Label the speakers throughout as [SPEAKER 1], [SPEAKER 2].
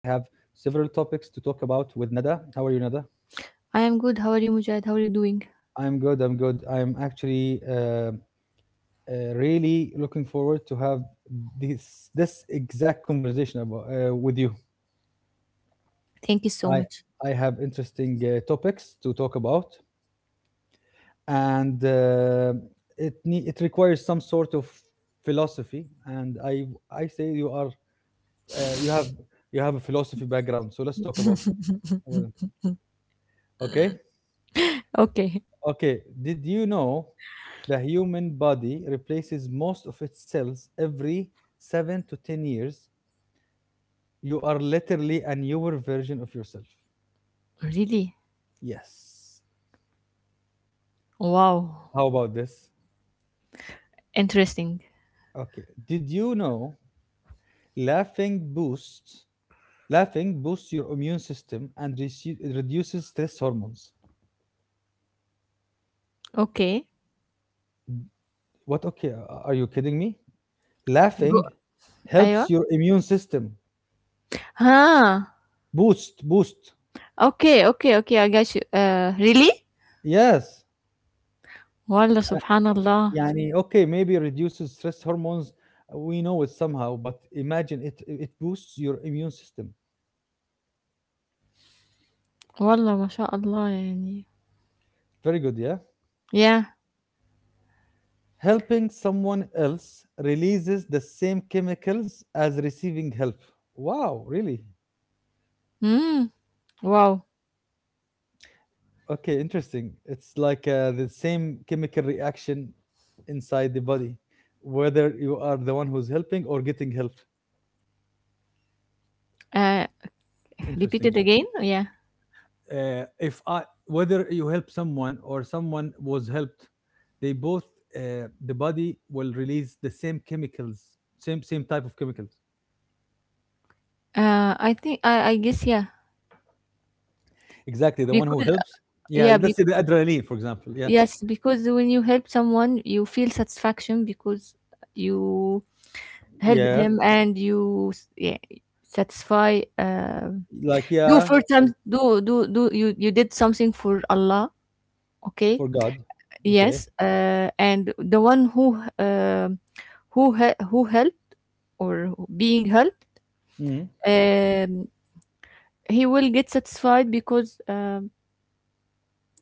[SPEAKER 1] several topics to talk about with Nada. How are you, Nada?
[SPEAKER 2] I am good. How are you, Mujahid? How are you doing?
[SPEAKER 1] I'm good. I'm good. I'm actually, really looking forward to have this exact conversation about with you.
[SPEAKER 2] Thank you so
[SPEAKER 1] I
[SPEAKER 2] much.
[SPEAKER 1] I have interesting topics to talk about, and it requires some sort of philosophy. And I say you are uh, you have you have a philosophy background, so let's talk about them. Okay.
[SPEAKER 2] Okay.
[SPEAKER 1] Okay, did you know the human body replaces most of its cells every 7 to 10 years? You are literally a newer version of yourself.
[SPEAKER 2] Really?
[SPEAKER 1] Yes.
[SPEAKER 2] Wow.
[SPEAKER 1] How about this?
[SPEAKER 2] Interesting.
[SPEAKER 1] Okay. Did you know laughing boosts laughing boosts your immune system and reduces stress hormones?
[SPEAKER 2] Okay.
[SPEAKER 1] What? Okay, are you kidding me?
[SPEAKER 2] Go.
[SPEAKER 1] Laughing
[SPEAKER 2] أيوة.
[SPEAKER 1] helps your immune system
[SPEAKER 2] ها.
[SPEAKER 1] boost.
[SPEAKER 2] Okay. Okay. Okay. I got you. Really?
[SPEAKER 1] Yes.
[SPEAKER 2] والله سبحان الله.
[SPEAKER 1] يعني okay, maybe it reduces stress hormones. We know it somehow, but imagine, it boosts your immune system.
[SPEAKER 2] والله ما شاء الله يعني.
[SPEAKER 1] Very good. Yeah,
[SPEAKER 2] Yeah.
[SPEAKER 1] helping someone else releases the same chemicals as receiving help. Wow, really?
[SPEAKER 2] Hmm. Wow.
[SPEAKER 1] Okay, interesting. It's like the same chemical reaction inside the body, whether you are the one who's helping or getting help.
[SPEAKER 2] Uh, repeat it
[SPEAKER 1] Interesting.
[SPEAKER 2] again. Yeah.
[SPEAKER 1] If I Whether you help someone or someone was helped, they both, the body will release the same chemicals, same type of chemicals.
[SPEAKER 2] I think I guess, yeah.
[SPEAKER 1] Exactly, the one who
[SPEAKER 2] Because,
[SPEAKER 1] helps. Yeah,
[SPEAKER 2] yeah,
[SPEAKER 1] let's say the adrenaline, for example. Yeah.
[SPEAKER 2] yes, because when you help someone you feel satisfaction because you helped
[SPEAKER 1] Yes.
[SPEAKER 2] him, and you, yeah, satisfy,
[SPEAKER 1] Like,
[SPEAKER 2] do
[SPEAKER 1] yeah,
[SPEAKER 2] for some do you did something for Allah, okay.
[SPEAKER 1] for God. Okay.
[SPEAKER 2] Yes, and the one who, who who helped or being helped,
[SPEAKER 1] Mm.
[SPEAKER 2] um, he will get satisfied because,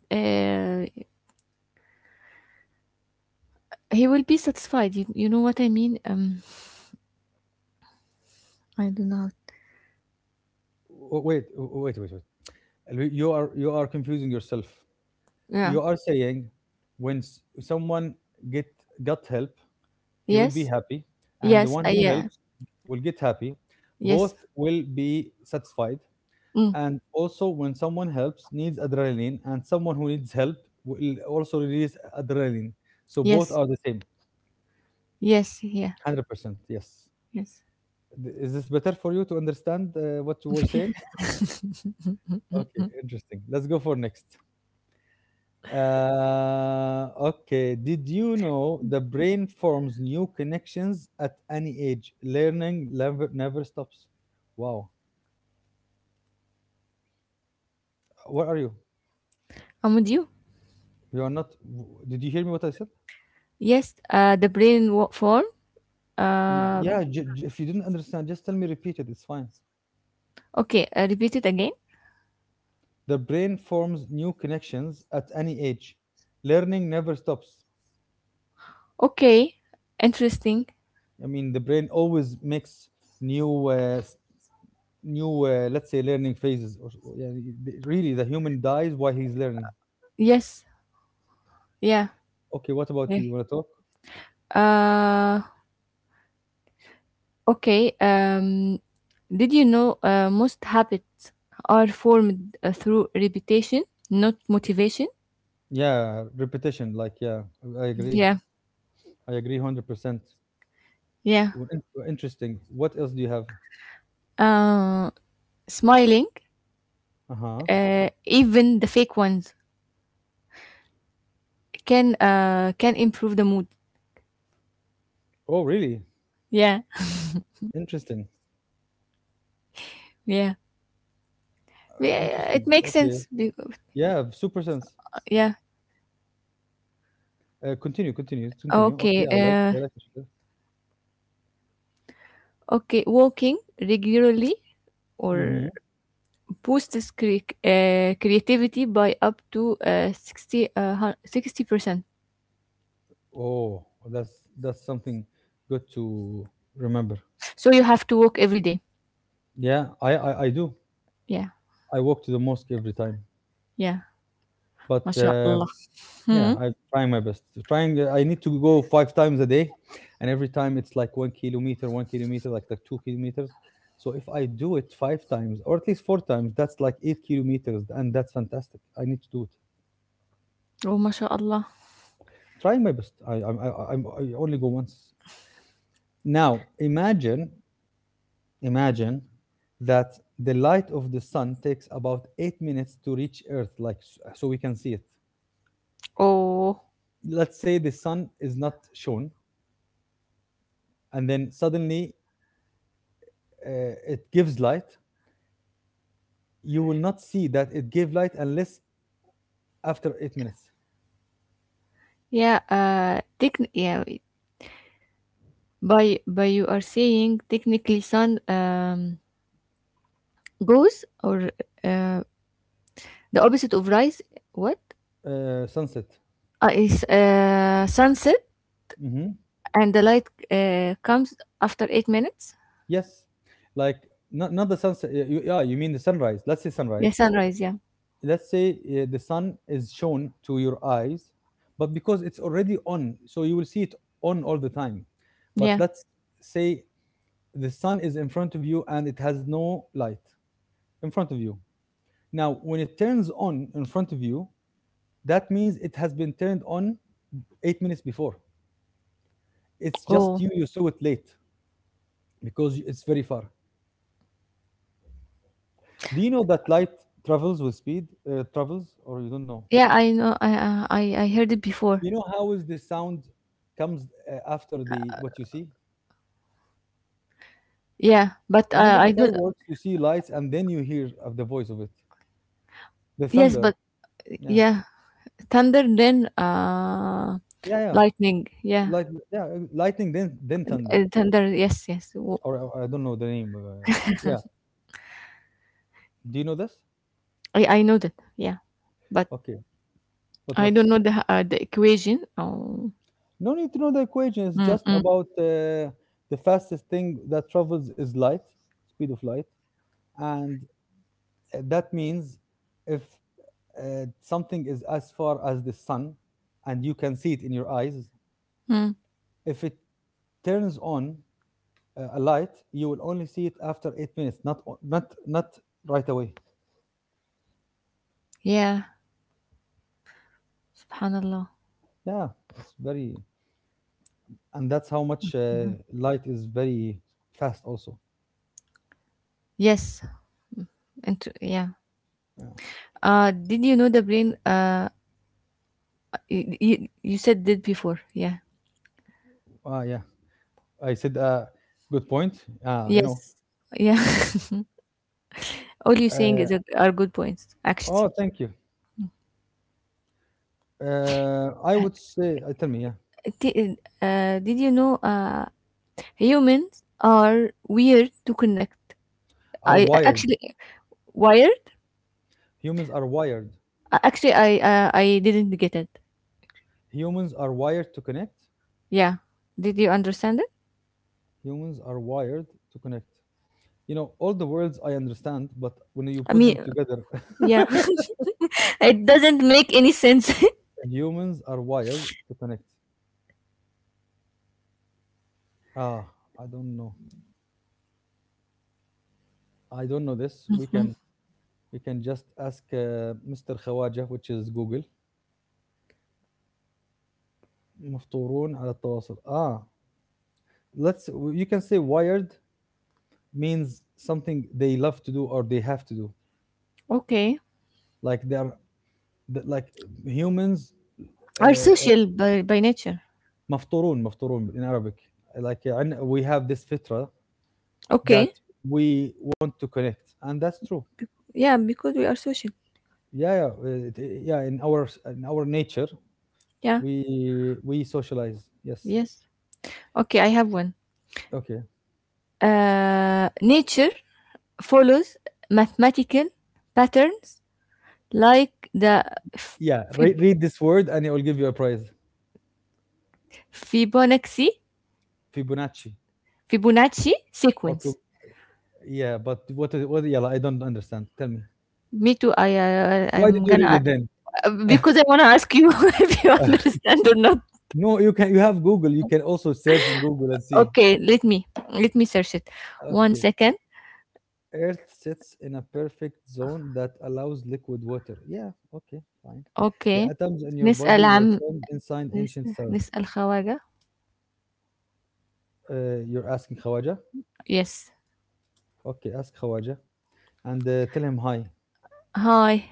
[SPEAKER 2] uh, he will be satisfied. You know what I mean, I don't know,
[SPEAKER 1] Wait, wait, wait, wait. You are confusing yourself.
[SPEAKER 2] yeah.
[SPEAKER 1] You are saying when someone get got help, he will be
[SPEAKER 2] Yes,
[SPEAKER 1] happy, and the
[SPEAKER 2] yes,
[SPEAKER 1] one who
[SPEAKER 2] yeah,
[SPEAKER 1] helps will get happy.
[SPEAKER 2] yes,
[SPEAKER 1] Both will be satisfied.
[SPEAKER 2] mm,
[SPEAKER 1] And also, when someone helps needs adrenaline, and someone who needs help will also release adrenaline, so both
[SPEAKER 2] yes,
[SPEAKER 1] are the same.
[SPEAKER 2] yes, yeah,
[SPEAKER 1] 100%. Yes.
[SPEAKER 2] yes.
[SPEAKER 1] Is this better for you to understand what you were saying? Okay, interesting. Let's go for next. Okay, did you know the brain forms new connections at any age? Learning never stops. Wow. Where are you?
[SPEAKER 2] I'm with you.
[SPEAKER 1] You are not. Did you hear me? What I said?
[SPEAKER 2] Yes, the brain form. Uh,
[SPEAKER 1] Yeah. If you didn't understand, just tell me. Repeat it. It's fine.
[SPEAKER 2] okay, repeat it again.
[SPEAKER 1] The brain forms new connections at any age. Learning never stops.
[SPEAKER 2] Okay, interesting.
[SPEAKER 1] I mean, the brain always makes new, uh, s- new, let's say, learning phases. Yeah, really, the human dies while he's learning.
[SPEAKER 2] Yes, yeah,
[SPEAKER 1] Okay. What about
[SPEAKER 2] yeah.
[SPEAKER 1] you? You want to talk?
[SPEAKER 2] Uh, okay. Did you know, most habits are formed, through repetition, not motivation?
[SPEAKER 1] Yeah, repetition. Like, yeah, I agree.
[SPEAKER 2] Yeah,
[SPEAKER 1] I agree, 100%.
[SPEAKER 2] yeah.
[SPEAKER 1] Well, in- Interesting. What else do you have?
[SPEAKER 2] Uh, smiling,
[SPEAKER 1] Uh huh.
[SPEAKER 2] even the fake ones can, can improve the mood,
[SPEAKER 1] Oh, really?
[SPEAKER 2] yeah,
[SPEAKER 1] Interesting.
[SPEAKER 2] yeah, yeah, it
[SPEAKER 1] Interesting.
[SPEAKER 2] makes
[SPEAKER 1] Okay.
[SPEAKER 2] sense because,
[SPEAKER 1] Yeah, super sense.
[SPEAKER 2] yeah,
[SPEAKER 1] Continue, continue, continue. Okay,
[SPEAKER 2] okay.
[SPEAKER 1] I like,
[SPEAKER 2] uh
[SPEAKER 1] I like what you said.
[SPEAKER 2] okay walking regularly,
[SPEAKER 1] Mm-hmm.
[SPEAKER 2] or boosts creativity by up to, 60, 60%,
[SPEAKER 1] Oh, that's that's something good to remember.
[SPEAKER 2] so you have to walk every day,
[SPEAKER 1] Yeah, I do.
[SPEAKER 2] yeah,
[SPEAKER 1] I walk to the mosque every time,
[SPEAKER 2] yeah.
[SPEAKER 1] but
[SPEAKER 2] ما شاء الله.
[SPEAKER 1] yeah,
[SPEAKER 2] Hmm.
[SPEAKER 1] I'm trying my best. Trying. I need to go 5 times a day, and every time it's like 1 kilometer, 1 kilometer, like 2 kilometers. So if I do it 5 times, or at least 4 times, that's like 8 kilometers, and that's fantastic. I need to do it.
[SPEAKER 2] Oh, ما شاء الله.
[SPEAKER 1] Trying my best. I only go once. Now imagine that the light of the sun takes about 8 minutes to reach Earth, like so we can see it.
[SPEAKER 2] Oh,
[SPEAKER 1] Let's say the sun is not shown, and then suddenly, it gives light. You will not see that it gave light unless after 8 minutes.
[SPEAKER 2] yeah, yeah, by you are saying technically sun, goes, or, uh, the opposite of rise? What?
[SPEAKER 1] Sunset.
[SPEAKER 2] Is, sunset,
[SPEAKER 1] Hmm.
[SPEAKER 2] and the light, comes after 8 minutes?
[SPEAKER 1] Yes, like not the sunset. Yeah, you mean the sunrise? Let's say
[SPEAKER 2] Yeah,
[SPEAKER 1] sunrise.
[SPEAKER 2] sunrise. Yeah,
[SPEAKER 1] Let's say, the sun is shown to your eyes, but because it's already on, so you will see it on all the time. But
[SPEAKER 2] yeah.
[SPEAKER 1] let's say the sun is in front of you and it has no light in front of you. Now when it turns on in front of you, that means it has been turned on 8 minutes before. It's just
[SPEAKER 2] Oh,
[SPEAKER 1] you saw it late because it's very far. Do you know that light travels with speed? Travels, or you don't know?
[SPEAKER 2] yeah, I know. I heard it before.
[SPEAKER 1] You know how is the sound comes after the what you see?
[SPEAKER 2] Yeah, but,
[SPEAKER 1] Remember the
[SPEAKER 2] I don't.
[SPEAKER 1] fireworks? You see lights, and then you hear of the voice of it, the
[SPEAKER 2] Yes,
[SPEAKER 1] thunder.
[SPEAKER 2] but,
[SPEAKER 1] Yeah,
[SPEAKER 2] yeah, thunder, then,
[SPEAKER 1] yeah, yeah.
[SPEAKER 2] lightning. Yeah,
[SPEAKER 1] Light, yeah, lightning, then
[SPEAKER 2] and,
[SPEAKER 1] thunder.
[SPEAKER 2] thunder. Yes, yes.
[SPEAKER 1] Or I don't know the name. Yeah. Do you know this?
[SPEAKER 2] I know that. Yeah, but
[SPEAKER 1] Okay. But
[SPEAKER 2] I
[SPEAKER 1] what?
[SPEAKER 2] don't know the equation. Oh.
[SPEAKER 1] No need to know the equation. It's just
[SPEAKER 2] Mm-mm.
[SPEAKER 1] about the fastest thing that travels is light, speed of light, and, that means if, something is as far as the sun, and you can see it in your eyes, if it turns on, a light, you will only see it after 8 minutes, not o- not not right away.
[SPEAKER 2] Yeah, subhanallah.
[SPEAKER 1] Yeah, it's very... and that's how much, light is very fast. Also,
[SPEAKER 2] Yes, and yeah. Did you know the brain? You said did before. Yeah.
[SPEAKER 1] ah, yeah, I said, good point. Ah, I know.
[SPEAKER 2] Yes. Yeah. All you're saying
[SPEAKER 1] Uh,
[SPEAKER 2] is are good points, actually.
[SPEAKER 1] oh, thank you. I would say, tell me, yeah,
[SPEAKER 2] Did you know, humans are weird to connect?
[SPEAKER 1] are
[SPEAKER 2] I
[SPEAKER 1] wired.
[SPEAKER 2] actually wired.
[SPEAKER 1] Humans are wired.
[SPEAKER 2] Actually I didn't get it.
[SPEAKER 1] Humans are wired to connect.
[SPEAKER 2] Yeah. Did you understand it?
[SPEAKER 1] Humans are wired to connect. You know, all the words I understand, but when you
[SPEAKER 2] I
[SPEAKER 1] put them
[SPEAKER 2] mean,
[SPEAKER 1] together,
[SPEAKER 2] yeah. It doesn't make any sense.
[SPEAKER 1] humans are wired to connect. Ah, I don't know. I don't know this. We can just ask, Mr. Khawaja, which is Google. مفطورون على التواصل. Ah, let's, you can say wired means something they love to do or they have to do.
[SPEAKER 2] Okay.
[SPEAKER 1] Like they are, like humans, uh,
[SPEAKER 2] Are
[SPEAKER 1] uh,
[SPEAKER 2] social by nature.
[SPEAKER 1] مفطورون in Arabic. Like, we have this fitra that
[SPEAKER 2] Okay.
[SPEAKER 1] we want to connect, and that's true.
[SPEAKER 2] Yeah, because we are social.
[SPEAKER 1] Yeah, yeah, yeah, in our in our nature,
[SPEAKER 2] Yeah.
[SPEAKER 1] we socialize. Yes.
[SPEAKER 2] Yes. Okay, I have one.
[SPEAKER 1] Okay.
[SPEAKER 2] Nature follows mathematical patterns like the
[SPEAKER 1] Yeah.
[SPEAKER 2] Fib-
[SPEAKER 1] Read, read this word and it will give you a prize.
[SPEAKER 2] Fibonacci
[SPEAKER 1] Fibonacci
[SPEAKER 2] Fibonacci
[SPEAKER 1] or
[SPEAKER 2] sequence.
[SPEAKER 1] yeah. But what is what? Yeah, I don't understand. Tell me.
[SPEAKER 2] Me too.
[SPEAKER 1] Why
[SPEAKER 2] I'm
[SPEAKER 1] did you read
[SPEAKER 2] gonna,
[SPEAKER 1] it then?
[SPEAKER 2] because I wanna ask you if you understand or not.
[SPEAKER 1] No, you can. You have Google. You can also search in Google and see.
[SPEAKER 2] Okay, let me search it. One
[SPEAKER 1] Okay.
[SPEAKER 2] second.
[SPEAKER 1] Earth sits in a perfect zone that allows liquid water. Yeah. Okay. Fine. The
[SPEAKER 2] Okay.
[SPEAKER 1] atoms in your
[SPEAKER 2] نسأل
[SPEAKER 1] body were
[SPEAKER 2] عن.
[SPEAKER 1] formed inside ancient
[SPEAKER 2] Listen,
[SPEAKER 1] stars.
[SPEAKER 2] نسأل خواجة.
[SPEAKER 1] You're asking Khawaja.
[SPEAKER 2] Yes.
[SPEAKER 1] Okay. Ask Khawaja and, tell him hi.
[SPEAKER 2] Hi.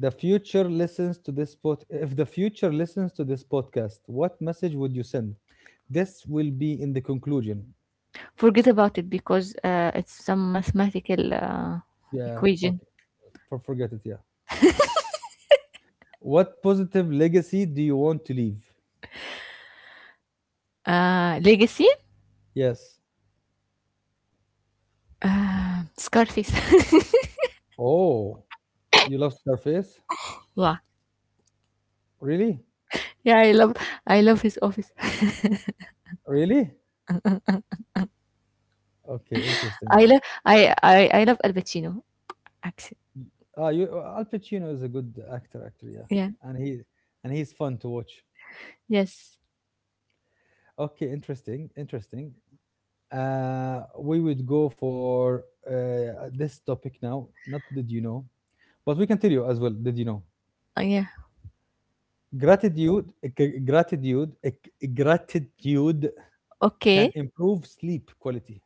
[SPEAKER 1] The future listens to this pod. If the future listens to this podcast, what message would you send? This will be in the conclusion.
[SPEAKER 2] Forget about it because, it's some mathematical,
[SPEAKER 1] Yeah, fuck
[SPEAKER 2] equation.
[SPEAKER 1] it. Forget it. Yeah. What positive legacy do you want to leave?
[SPEAKER 2] Legacy.
[SPEAKER 1] Yes.
[SPEAKER 2] Scarface.
[SPEAKER 1] Oh, you love Scarface?
[SPEAKER 2] Wow.
[SPEAKER 1] Really?
[SPEAKER 2] Yeah, I love. I love his office.
[SPEAKER 1] Really? Okay, interesting.
[SPEAKER 2] I love. I love Al Pacino. Accent.
[SPEAKER 1] Ah, you Al Pacino is a good actor, actually. Yeah,
[SPEAKER 2] Yeah.
[SPEAKER 1] and he and he's fun to watch.
[SPEAKER 2] Yes.
[SPEAKER 1] Okay, interesting, interesting. We would go for uh, this topic now. Not did you know, but we can tell you as well. Did you know
[SPEAKER 2] Yeah.
[SPEAKER 1] gratitude? Gratitude. Gratitude can
[SPEAKER 2] Okay.
[SPEAKER 1] improve sleep quality.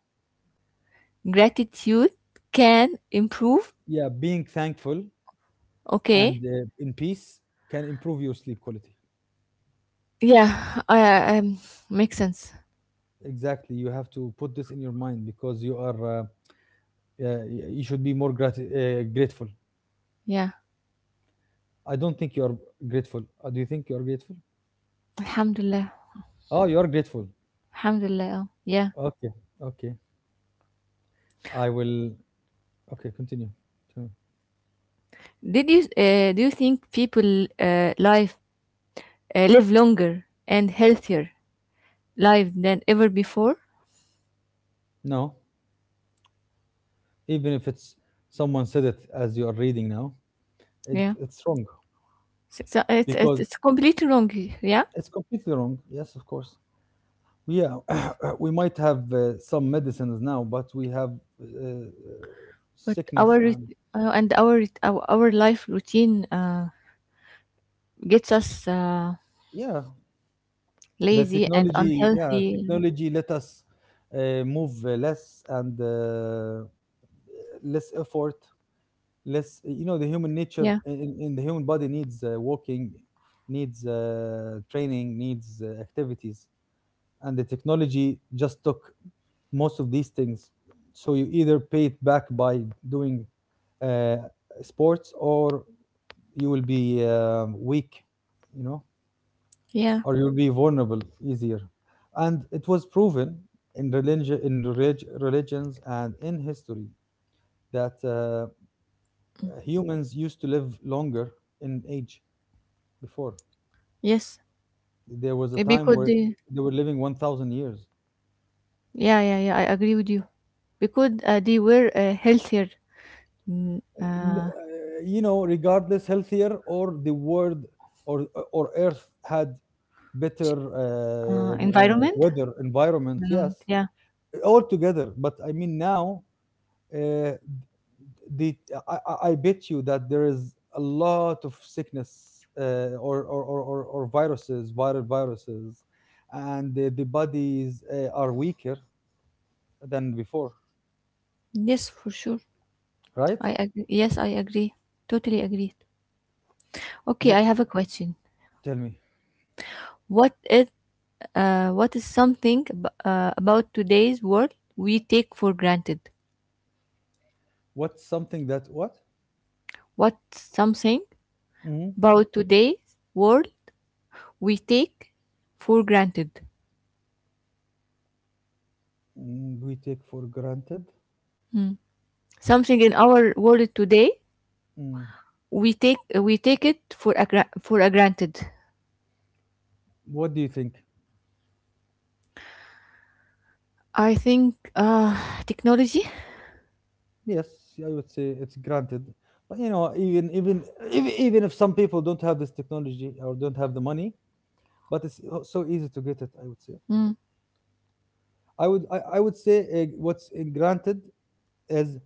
[SPEAKER 2] Gratitude can improve.
[SPEAKER 1] Yeah, being thankful
[SPEAKER 2] Okay.
[SPEAKER 1] and, in peace, can improve your sleep quality.
[SPEAKER 2] Yeah. Um, makes sense.
[SPEAKER 1] Exactly, you have to put this in your mind because you are. You should be more grateful.
[SPEAKER 2] Yeah.
[SPEAKER 1] I don't think you are grateful. Do you think you are grateful?
[SPEAKER 2] Alhamdulillah.
[SPEAKER 1] Oh, you are grateful.
[SPEAKER 2] Alhamdulillah. Oh, yeah.
[SPEAKER 1] Okay, okay. I will. Okay, continue. Tell me.
[SPEAKER 2] Did you do you think people, live longer and healthier life than ever before?
[SPEAKER 1] No, even if it's someone said it as you are reading now,
[SPEAKER 2] Yeah,
[SPEAKER 1] it's wrong
[SPEAKER 2] so it's, it's
[SPEAKER 1] because
[SPEAKER 2] it's completely wrong. Yeah,
[SPEAKER 1] it's completely wrong. Yes, of course. Yeah, we might have, some medicines now, but we have, uh,
[SPEAKER 2] but our
[SPEAKER 1] sickness and
[SPEAKER 2] rit- and our rit- our life routine, gets us,
[SPEAKER 1] yeah, the
[SPEAKER 2] lazy and
[SPEAKER 1] technology. Yeah,
[SPEAKER 2] unhealthy.
[SPEAKER 1] technology let us, move, less, and, less effort, less, eh, you know, the human nature,
[SPEAKER 2] Yeah,
[SPEAKER 1] in the human body needs, walking, needs, training, needs, activities, and the technology just took most of these things, so you either pay it back by doing, uh, sports, or you will be, weak, you know,
[SPEAKER 2] yeah,
[SPEAKER 1] or you'll be vulnerable easier. And it was proven in religion, in religions, and in history, that humans used to live longer in age before.
[SPEAKER 2] yes.
[SPEAKER 1] There was a
[SPEAKER 2] Uh,
[SPEAKER 1] time
[SPEAKER 2] Because
[SPEAKER 1] where
[SPEAKER 2] they,
[SPEAKER 1] they were living 1,000 years.
[SPEAKER 2] yeah, yeah, yeah, I agree with you. Because, they were a healthier, mm,
[SPEAKER 1] M- uh,
[SPEAKER 2] uh,
[SPEAKER 1] You know, regardless, healthier or the world, or Earth, had better,
[SPEAKER 2] ch- environment.
[SPEAKER 1] weather environment. Yes,
[SPEAKER 2] Environment. Yeah.
[SPEAKER 1] all together. But I mean now. Uh, the, I bet you that there is a lot of sickness, or viruses, viral viruses, and the bodies, are weaker than before,
[SPEAKER 2] Yes, for sure.
[SPEAKER 1] right?
[SPEAKER 2] I agree. Yes, I agree. Totally agree. Okay, I
[SPEAKER 1] Wh-
[SPEAKER 2] have a question.
[SPEAKER 1] Tell me,
[SPEAKER 2] What is what is something about today's world we take for granted?
[SPEAKER 1] what's something that what
[SPEAKER 2] What's something
[SPEAKER 1] Mhm.
[SPEAKER 2] about today's world we take for granted?
[SPEAKER 1] We take for granted?
[SPEAKER 2] Something in our world today
[SPEAKER 1] Mm,
[SPEAKER 2] we take it for a granted.
[SPEAKER 1] What do you think?
[SPEAKER 2] I think, technology.
[SPEAKER 1] Yes, I would say it's granted. But you know, even even if some people don't have this technology or don't have the money, but it's so easy to get it, I would say.
[SPEAKER 2] Mm.
[SPEAKER 1] I would say, what's, granted is,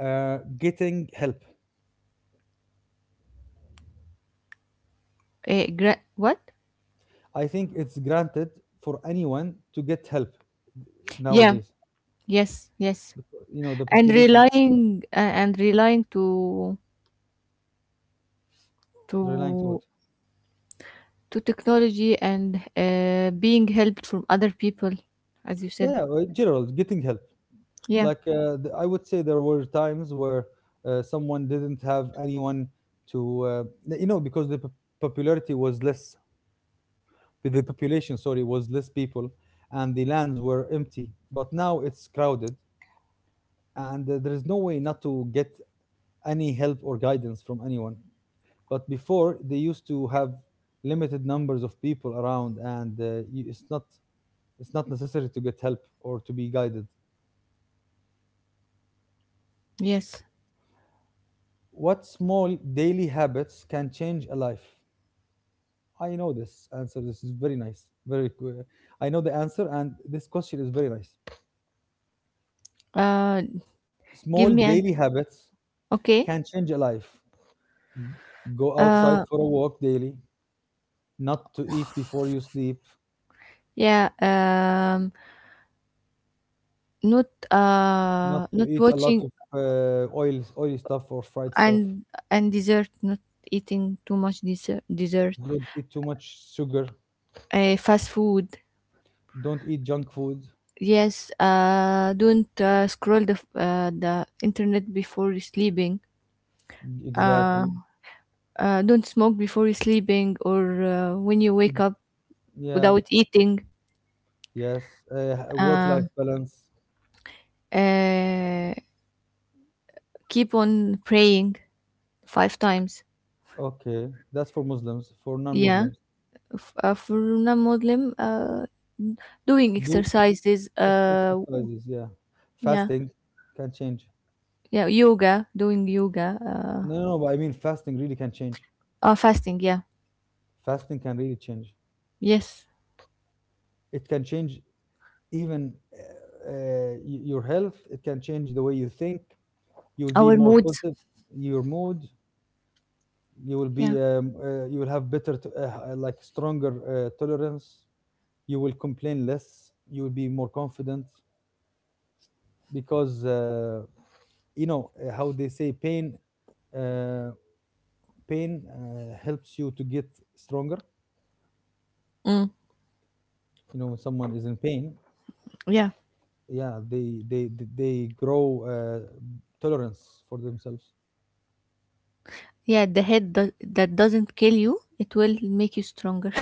[SPEAKER 1] getting help.
[SPEAKER 2] What?
[SPEAKER 1] I think it's granted for anyone to get help
[SPEAKER 2] Yeah.
[SPEAKER 1] nowadays.
[SPEAKER 2] Yes. Yes.
[SPEAKER 1] You know, the
[SPEAKER 2] and
[SPEAKER 1] population
[SPEAKER 2] relying a- and relying
[SPEAKER 1] relying to it.
[SPEAKER 2] to to technology, and, being helped from other people, as you said.
[SPEAKER 1] Yeah, in general, getting help.
[SPEAKER 2] Yeah,
[SPEAKER 1] I would say, there were times where someone didn't have anyone to, because the popularity was less, the population, sorry, was less people, and the lands were empty. But now it's crowded, and there is no way not to get any help or guidance from anyone. But before they used to have limited numbers of people around, and you, it's not necessary to get help or to be guided.
[SPEAKER 2] yes,
[SPEAKER 1] What small daily habits can change a life? I know this answer. This is very nice. I know the answer, and this question is very nice.
[SPEAKER 2] uh give
[SPEAKER 1] Small
[SPEAKER 2] me an,
[SPEAKER 1] daily habits
[SPEAKER 2] okay.
[SPEAKER 1] can change a life. Go outside
[SPEAKER 2] uh
[SPEAKER 1] for a walk daily. Not to eat before you sleep.
[SPEAKER 2] yeah not,
[SPEAKER 1] Not to
[SPEAKER 2] not
[SPEAKER 1] eat a lot
[SPEAKER 2] watching,
[SPEAKER 1] of oily stuff or fried stuff.
[SPEAKER 2] and and dessert, not eating too much dessert,
[SPEAKER 1] Don't eat too much sugar.
[SPEAKER 2] fast food.
[SPEAKER 1] Don't eat junk food.
[SPEAKER 2] Yes, don't, scroll the the internet before sleeping, uh
[SPEAKER 1] Exactly.
[SPEAKER 2] don't smoke before sleeping, or, when you wake up
[SPEAKER 1] Yeah.
[SPEAKER 2] without eating,
[SPEAKER 1] Yes. Work life
[SPEAKER 2] um,
[SPEAKER 1] balance.
[SPEAKER 2] uh, keep on praying five times,
[SPEAKER 1] Okay. That's for Muslims. For non
[SPEAKER 2] yeah.
[SPEAKER 1] Muslims,
[SPEAKER 2] For non-Muslim, doing
[SPEAKER 1] do
[SPEAKER 2] exercises,
[SPEAKER 1] exercises. Yeah.
[SPEAKER 2] yeah,
[SPEAKER 1] Fasting can change.
[SPEAKER 2] yeah, yoga, doing yoga,
[SPEAKER 1] No, no, no, but I mean, fasting really can change.
[SPEAKER 2] fasting, yeah,
[SPEAKER 1] Fasting can really change.
[SPEAKER 2] yes,
[SPEAKER 1] It can change even your health. It can change the way you think. You'll be
[SPEAKER 2] our
[SPEAKER 1] more
[SPEAKER 2] moods,
[SPEAKER 1] positive, your mood. You will
[SPEAKER 2] yeah.
[SPEAKER 1] be you will have better like stronger tolerance, you will complain less, you will be more confident, because you know, how they say pain, uh, helps you to get stronger.
[SPEAKER 2] Mm.
[SPEAKER 1] You know, when someone is in pain,
[SPEAKER 2] Yeah,
[SPEAKER 1] yeah, they grow tolerance for themselves.
[SPEAKER 2] yeah, the head that doesn't kill you, it will make you stronger.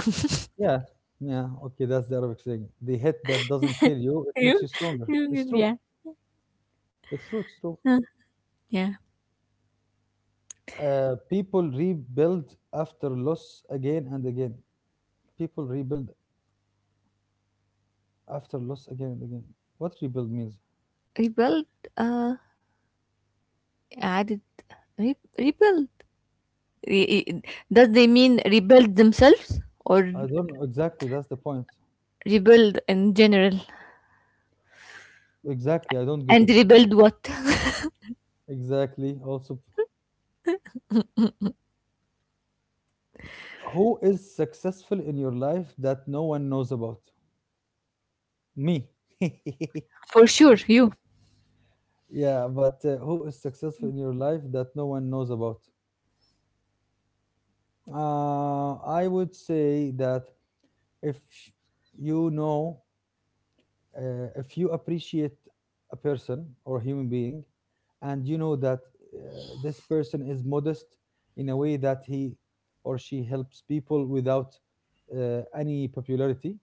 [SPEAKER 1] Yeah. Yeah, okay, that's the Arabic saying. The hit that doesn't kill you, it makes you
[SPEAKER 2] you,
[SPEAKER 1] stronger. It's
[SPEAKER 2] you
[SPEAKER 1] true.
[SPEAKER 2] yeah.
[SPEAKER 1] It's true. It's true.
[SPEAKER 2] Huh. Yeah.
[SPEAKER 1] People rebuild after loss again and again. People rebuild after loss again and again. What rebuild means?
[SPEAKER 2] Rebuild? Uh, added. Rebuild? Re- i- Does they mean rebuild themselves, or
[SPEAKER 1] I don't know exactly. That's the point.
[SPEAKER 2] rebuild in general?
[SPEAKER 1] Exactly. I don't get it.
[SPEAKER 2] And rebuild what?
[SPEAKER 1] Exactly. Also, who is successful in your life that no one knows about? Me.
[SPEAKER 2] For sure, you.
[SPEAKER 1] Yeah, but who is successful in your life that no one knows about? I would say that if you know, if you appreciate a person or a human being, and you know that this person is modest in a way that he or she helps people without any popularity,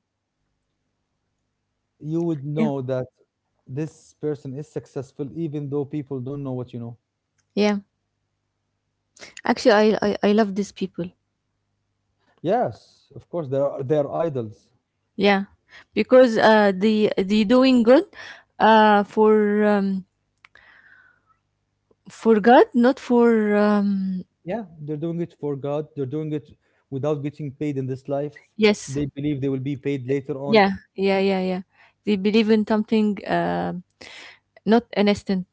[SPEAKER 1] you would
[SPEAKER 2] Yeah.
[SPEAKER 1] know that this person is successful even though people don't know what you know.
[SPEAKER 2] Yeah. Actually, I love these people.
[SPEAKER 1] Yes, of course there are, they are idols.
[SPEAKER 2] Yeah. Because, they doing good, uh, for, um, for God, not for. Um,
[SPEAKER 1] Yeah, they're doing it for God, they're doing it without getting paid in this life.
[SPEAKER 2] yes.
[SPEAKER 1] They believe they will be paid later on.
[SPEAKER 2] Yeah. Yeah. Yeah. Yeah. They believe in something, not an instant.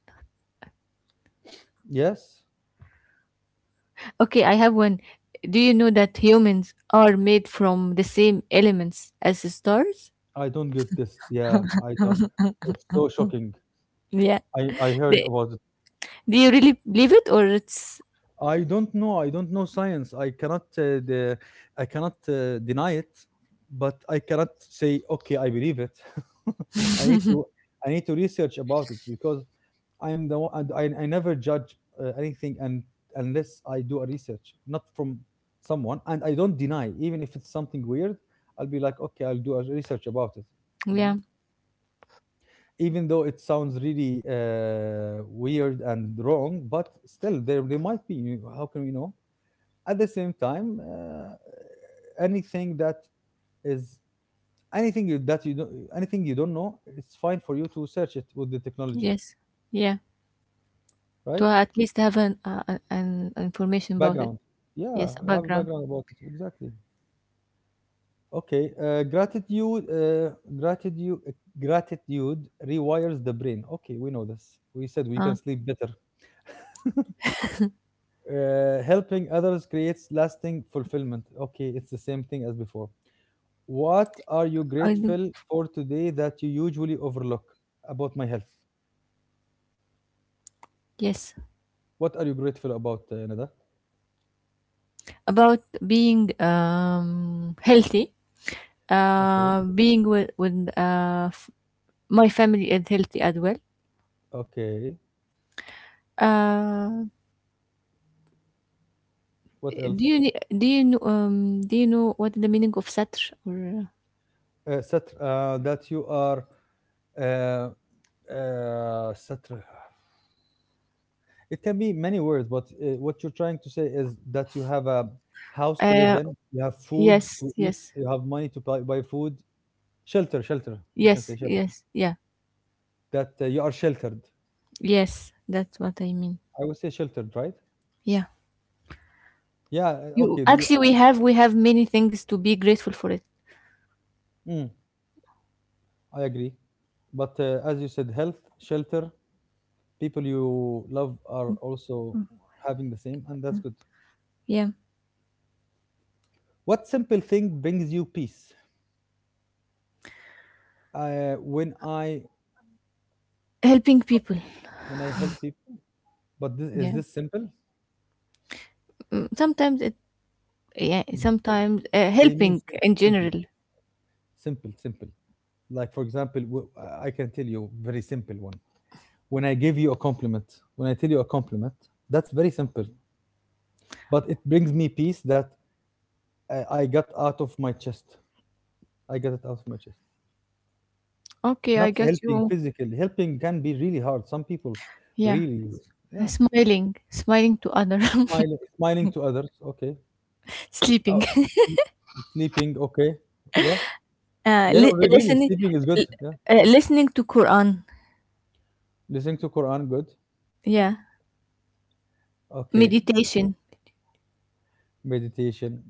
[SPEAKER 1] Yes.
[SPEAKER 2] Okay, I have one. Do you know that humans are made from the same elements as the stars?
[SPEAKER 1] I don't get this. Yeah, I don't. It's so shocking.
[SPEAKER 2] Yeah.
[SPEAKER 1] I heard
[SPEAKER 2] They,
[SPEAKER 1] about it.
[SPEAKER 2] do you really believe it, or it's,
[SPEAKER 1] I don't know. I don't know science. I cannot deny it, but I cannot say okay. I believe it. I need to I need to research about it, because I'm the one. And I never judge anything, and unless I do a research, not from someone, and I don't deny even if it's something weird. I'll be like okay. I'll do a research about it.
[SPEAKER 2] yeah,
[SPEAKER 1] Even though it sounds really weird and wrong, but still there they might be. How can we know? At the same time, anything that is anything you don't know, it's fine for you to search it with the technology,
[SPEAKER 2] yes, yeah? To
[SPEAKER 1] right?
[SPEAKER 2] at least have an, an information about it.
[SPEAKER 1] Background, yeah,
[SPEAKER 2] Yes, a
[SPEAKER 1] have a
[SPEAKER 2] background.
[SPEAKER 1] background about it exactly. Okay, gratitude, gratitude rewires the brain. Okay, we know this. We said we can
[SPEAKER 2] Uh,
[SPEAKER 1] sleep better. Helping others creates lasting fulfillment. Okay, it's the same thing as before. What are you
[SPEAKER 2] I do.
[SPEAKER 1] grateful for today that you usually overlook? About my health?
[SPEAKER 2] Yes,
[SPEAKER 1] What are you grateful about, Nada?
[SPEAKER 2] about being, healthy.
[SPEAKER 1] Okay,
[SPEAKER 2] Being with my family is healthy as well.
[SPEAKER 1] okay.
[SPEAKER 2] Um.
[SPEAKER 1] What
[SPEAKER 2] Do
[SPEAKER 1] else?
[SPEAKER 2] you do you know what is the meaning of satr, or,
[SPEAKER 1] That you are uh, satr. It can be many words, but what you're trying to say is that you have a house to live
[SPEAKER 2] uh
[SPEAKER 1] in, you have food
[SPEAKER 2] yes,
[SPEAKER 1] to eat,
[SPEAKER 2] yes,
[SPEAKER 1] you have money to buy food, shelter, shelter. You can say
[SPEAKER 2] yes,
[SPEAKER 1] shelter.
[SPEAKER 2] yes, yeah,
[SPEAKER 1] That you are sheltered.
[SPEAKER 2] yes, that's what I mean.
[SPEAKER 1] I would say sheltered, right?
[SPEAKER 2] Yeah,
[SPEAKER 1] Yeah,
[SPEAKER 2] you
[SPEAKER 1] okay. The, you,
[SPEAKER 2] actually, we have, many things to be grateful for it,
[SPEAKER 1] mm, I agree. But as you said, health, shelter, people you love are also having the same, and that's good.
[SPEAKER 2] yeah.
[SPEAKER 1] What simple thing brings you peace? Uh, when I
[SPEAKER 2] Helping people,
[SPEAKER 1] when I help people, but this, is
[SPEAKER 2] yeah.
[SPEAKER 1] this simple?
[SPEAKER 2] Mm, sometimes it, yeah, sometimes,
[SPEAKER 1] They mean
[SPEAKER 2] helping in
[SPEAKER 1] simple,
[SPEAKER 2] general.
[SPEAKER 1] simple, simple. Like for example, I can tell you very simple one. When I give you a compliment, when I tell you a compliment, that's very simple, but it brings me peace that I got out of my chest. I got it out of my chest.
[SPEAKER 2] Okay, I
[SPEAKER 1] Not
[SPEAKER 2] got
[SPEAKER 1] helping
[SPEAKER 2] you.
[SPEAKER 1] physically. Helping can be really hard. Some people
[SPEAKER 2] Yeah,
[SPEAKER 1] really, yeah.
[SPEAKER 2] smiling, smiling to other.
[SPEAKER 1] Smiling, smiling to others. Okay.
[SPEAKER 2] Sleeping.
[SPEAKER 1] Oh, mm, sleeping. Okay. Yeah. Yeah. No, really,
[SPEAKER 2] Listening.
[SPEAKER 1] sleeping is good. Yeah.
[SPEAKER 2] Listening to Quran,
[SPEAKER 1] Listening to Quran, good.
[SPEAKER 2] yeah.
[SPEAKER 1] Okay.
[SPEAKER 2] Meditation,
[SPEAKER 1] Meditation.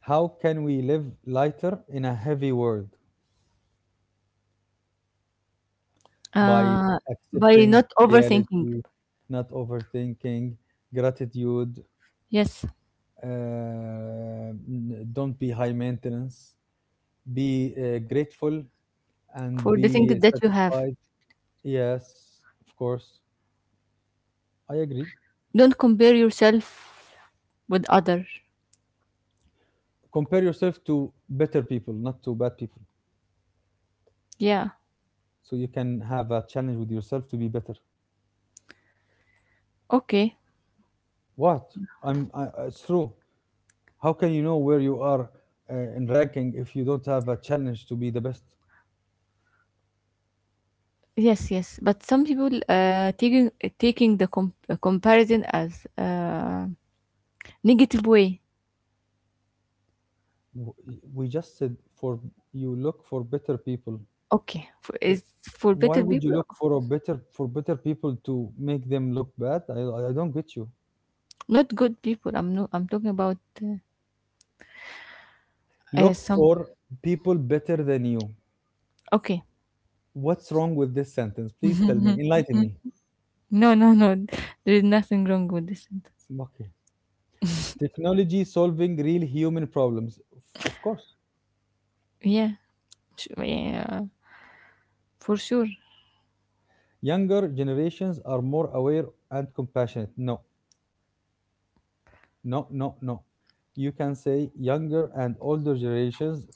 [SPEAKER 1] How can we live lighter in a heavy world, by
[SPEAKER 2] uh, by
[SPEAKER 1] accepting
[SPEAKER 2] not overthinking.
[SPEAKER 1] reality, not overthinking, gratitude.
[SPEAKER 2] Yes,
[SPEAKER 1] Don't be high maintenance. Be grateful and
[SPEAKER 2] for the things
[SPEAKER 1] be
[SPEAKER 2] that you have.
[SPEAKER 1] satisfied. Yes, of course. I agree.
[SPEAKER 2] Don't compare yourself with other.
[SPEAKER 1] Compare yourself to better people, not to bad people.
[SPEAKER 2] Yeah.
[SPEAKER 1] So you can have a challenge with yourself to be better.
[SPEAKER 2] Okay.
[SPEAKER 1] What? It's true. How can you know where you are in ranking if you don't have a challenge to be the best?
[SPEAKER 2] Yes, yes. But some people, taking the comparison as, negative way.
[SPEAKER 1] W- We just said for you look for better people.
[SPEAKER 2] Okay, for,
[SPEAKER 1] Uh,
[SPEAKER 2] is for
[SPEAKER 1] Why
[SPEAKER 2] better
[SPEAKER 1] would you
[SPEAKER 2] people,
[SPEAKER 1] look for a better people to make them look bad? I don't get you.
[SPEAKER 2] not good people. I'm no. I'm talking about,
[SPEAKER 1] Look
[SPEAKER 2] some.
[SPEAKER 1] for people better than you.
[SPEAKER 2] Okay.
[SPEAKER 1] What's wrong with this sentence? Please tell me. Enlighten me.
[SPEAKER 2] No, no, no. There is nothing wrong with this sentence.
[SPEAKER 1] Okay. Technology solving real human problems. Of course.
[SPEAKER 2] Yeah. Yeah. For sure.
[SPEAKER 1] Younger generations are more aware and compassionate. No, no, no, no. You can say younger and older generations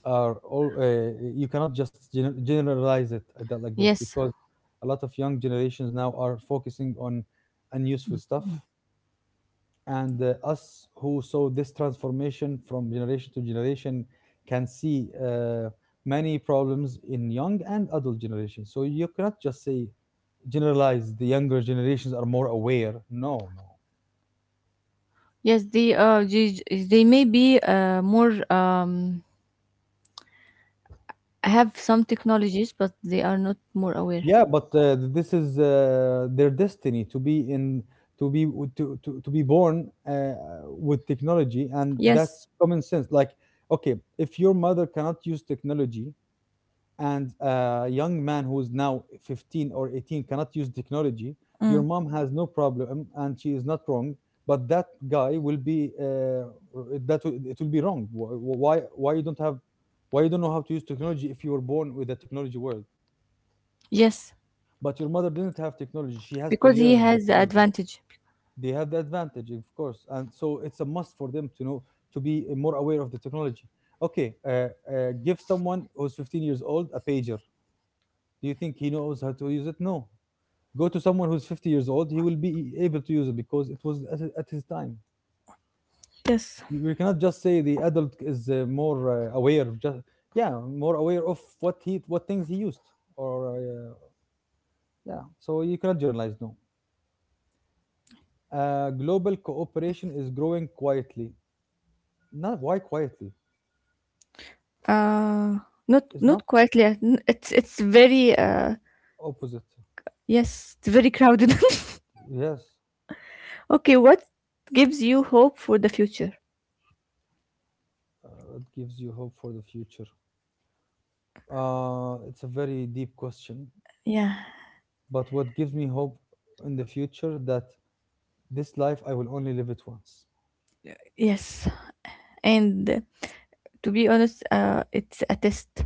[SPEAKER 1] are all you cannot just generalize it at that like this,
[SPEAKER 2] Yes,
[SPEAKER 1] because a lot of young generations now are focusing on unuseful stuff, and us who saw this transformation from generation to generation can see many problems in young and adult generations, so you cannot just say generalize the younger generations are more aware. No no.
[SPEAKER 2] yes, they may be, more, have some technologies, but they are not more aware.
[SPEAKER 1] Yeah, but this is their destiny to be in to be w- to be born with technology, and
[SPEAKER 2] Yes.
[SPEAKER 1] that's common sense. Like, okay, if your mother cannot use technology, and a young man who is now 15 or 18 cannot use technology, your
[SPEAKER 2] Mm,
[SPEAKER 1] mom has no problem, and she is not wrong. But that guy will be that will, it will be wrong. Why you don't have why you don't know how to use technology if you were born with the technology world?
[SPEAKER 2] yes,
[SPEAKER 1] But your mother didn't have technology. She has to
[SPEAKER 2] because he
[SPEAKER 1] learn the
[SPEAKER 2] has the
[SPEAKER 1] technology.
[SPEAKER 2] advantage.
[SPEAKER 1] They have the advantage, of course, and so it's a must for them to know to be more aware of the technology. Okay, give someone who's 15 years old a pager. Do you think he knows how to use it? No. Go to someone who's 50 years old. He will be able to use it because it was at his time.
[SPEAKER 2] Yes.
[SPEAKER 1] We cannot just say the adult is more aware. Just yeah, more aware of what he what things he used, or yeah. So you cannot generalize. No. Global cooperation is growing quietly. Not, why quietly?
[SPEAKER 2] Uh, not
[SPEAKER 1] It's not
[SPEAKER 2] not quite yet. It's very,
[SPEAKER 1] opposite.
[SPEAKER 2] yes, it's very crowded.
[SPEAKER 1] Yes,
[SPEAKER 2] Okay, what gives you hope for the future?
[SPEAKER 1] it gives you hope for the future. It's a very deep question,
[SPEAKER 2] Yeah,
[SPEAKER 1] but what gives me hope in the future that this life I will only live it once.
[SPEAKER 2] yes, and, to be honest, it's a test,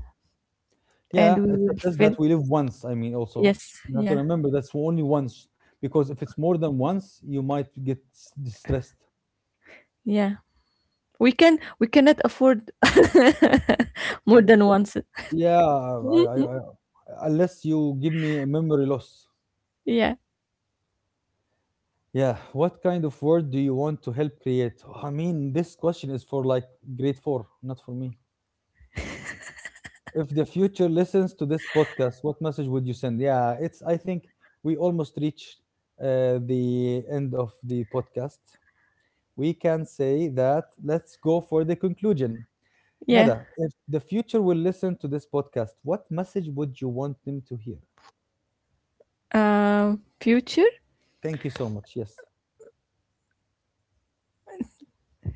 [SPEAKER 2] and
[SPEAKER 1] Yeah,
[SPEAKER 2] we
[SPEAKER 1] it's a
[SPEAKER 2] will
[SPEAKER 1] test that
[SPEAKER 2] fin.
[SPEAKER 1] we live once. I mean, also
[SPEAKER 2] Yes,
[SPEAKER 1] you have to
[SPEAKER 2] yeah,
[SPEAKER 1] remember that's only once, because if it's more than once, you might get distressed.
[SPEAKER 2] yeah. We cannot afford more than once.
[SPEAKER 1] Yeah,
[SPEAKER 2] Mhm.
[SPEAKER 1] unless you give me a memory loss.
[SPEAKER 2] Yeah,
[SPEAKER 1] Yeah, what kind of world do you want to help create? I mean, this question is for like grade four, not for me. If the future listens to this podcast, what message would you send? Yeah, it's, I think we almost reached the end of the podcast. We can say that let's go for the conclusion.
[SPEAKER 2] yeah,
[SPEAKER 1] Nada, if the future will listen to this podcast, what message would you want them to hear?
[SPEAKER 2] future,
[SPEAKER 1] Thank you so much. Yes.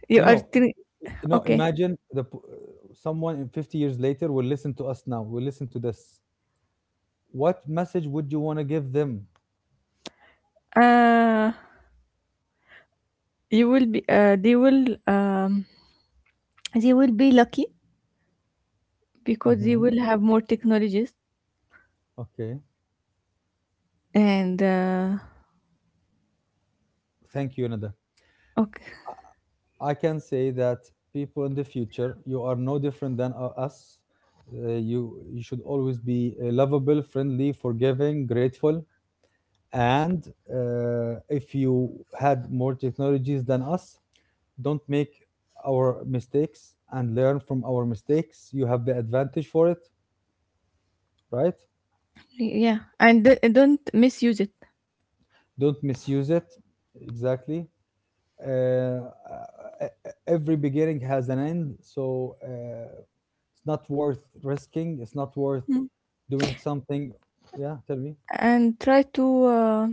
[SPEAKER 2] you
[SPEAKER 1] You
[SPEAKER 2] are
[SPEAKER 1] know,
[SPEAKER 2] three,
[SPEAKER 1] you know,
[SPEAKER 2] okay.
[SPEAKER 1] imagine someone in 50 years later will listen to us now will listen to this, what message would you want to give them?
[SPEAKER 2] uh you will be They will be lucky because they
[SPEAKER 1] Hmm.
[SPEAKER 2] will have more technologies,
[SPEAKER 1] Okay.
[SPEAKER 2] and,
[SPEAKER 1] Thank you, Nada.
[SPEAKER 2] okay.
[SPEAKER 1] I can say that, people in the future, you are no different than us, you, you should always be lovable, friendly, forgiving, grateful, and if you had more technologies than us, don't make our mistakes and learn from our mistakes. You have the advantage for it, right?
[SPEAKER 2] Yeah, and, don't misuse it,
[SPEAKER 1] Don't misuse it. Exactly. uh, e- every beginning has an end, so it's not worth risking, it's not worth doing something. Yeah, tell me.
[SPEAKER 2] and try to, uh,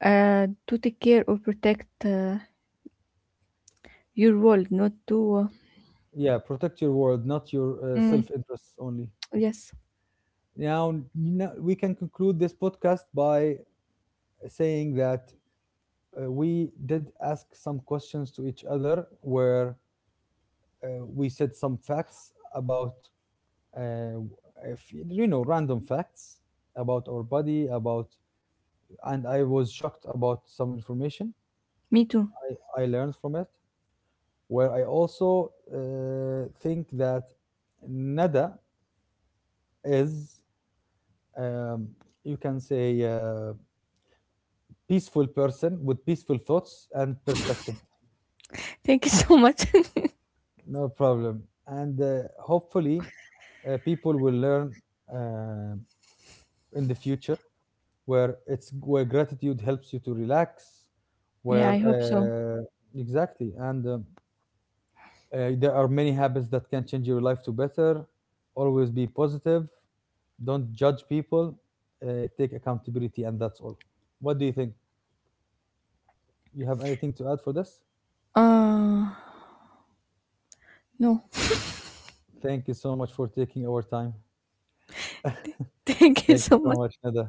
[SPEAKER 2] to take care or protect, your world, not to,
[SPEAKER 1] Yeah, protect your world, not your
[SPEAKER 2] mm,
[SPEAKER 1] self-interest only.
[SPEAKER 2] yes,
[SPEAKER 1] Now, now we can conclude this podcast by saying that we did ask some questions to each other where, uh, we said some facts about, uh, if, you know, random facts about our body, about, and I was shocked about some information.
[SPEAKER 2] me too.
[SPEAKER 1] I learned from it, where I also think that Nada is um, you can say peaceful person with peaceful thoughts and perspective.
[SPEAKER 2] Thank you so much.
[SPEAKER 1] No problem. And hopefully people will learn uh, in the future where it's, where gratitude helps you to relax,
[SPEAKER 2] Yeah,
[SPEAKER 1] where
[SPEAKER 2] I hope so.
[SPEAKER 1] exactly, and there are many habits that can change your life to better. Always be positive, don't judge people, take accountability, and that's all. What do you think? You have anything to add for this?
[SPEAKER 2] Uh, no.
[SPEAKER 1] Thank you so much for taking our time.
[SPEAKER 2] Thank you
[SPEAKER 1] Thank you
[SPEAKER 2] so
[SPEAKER 1] so
[SPEAKER 2] much.
[SPEAKER 1] much, Nada.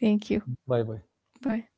[SPEAKER 2] Thank you.
[SPEAKER 1] Bye bye.
[SPEAKER 2] Bye.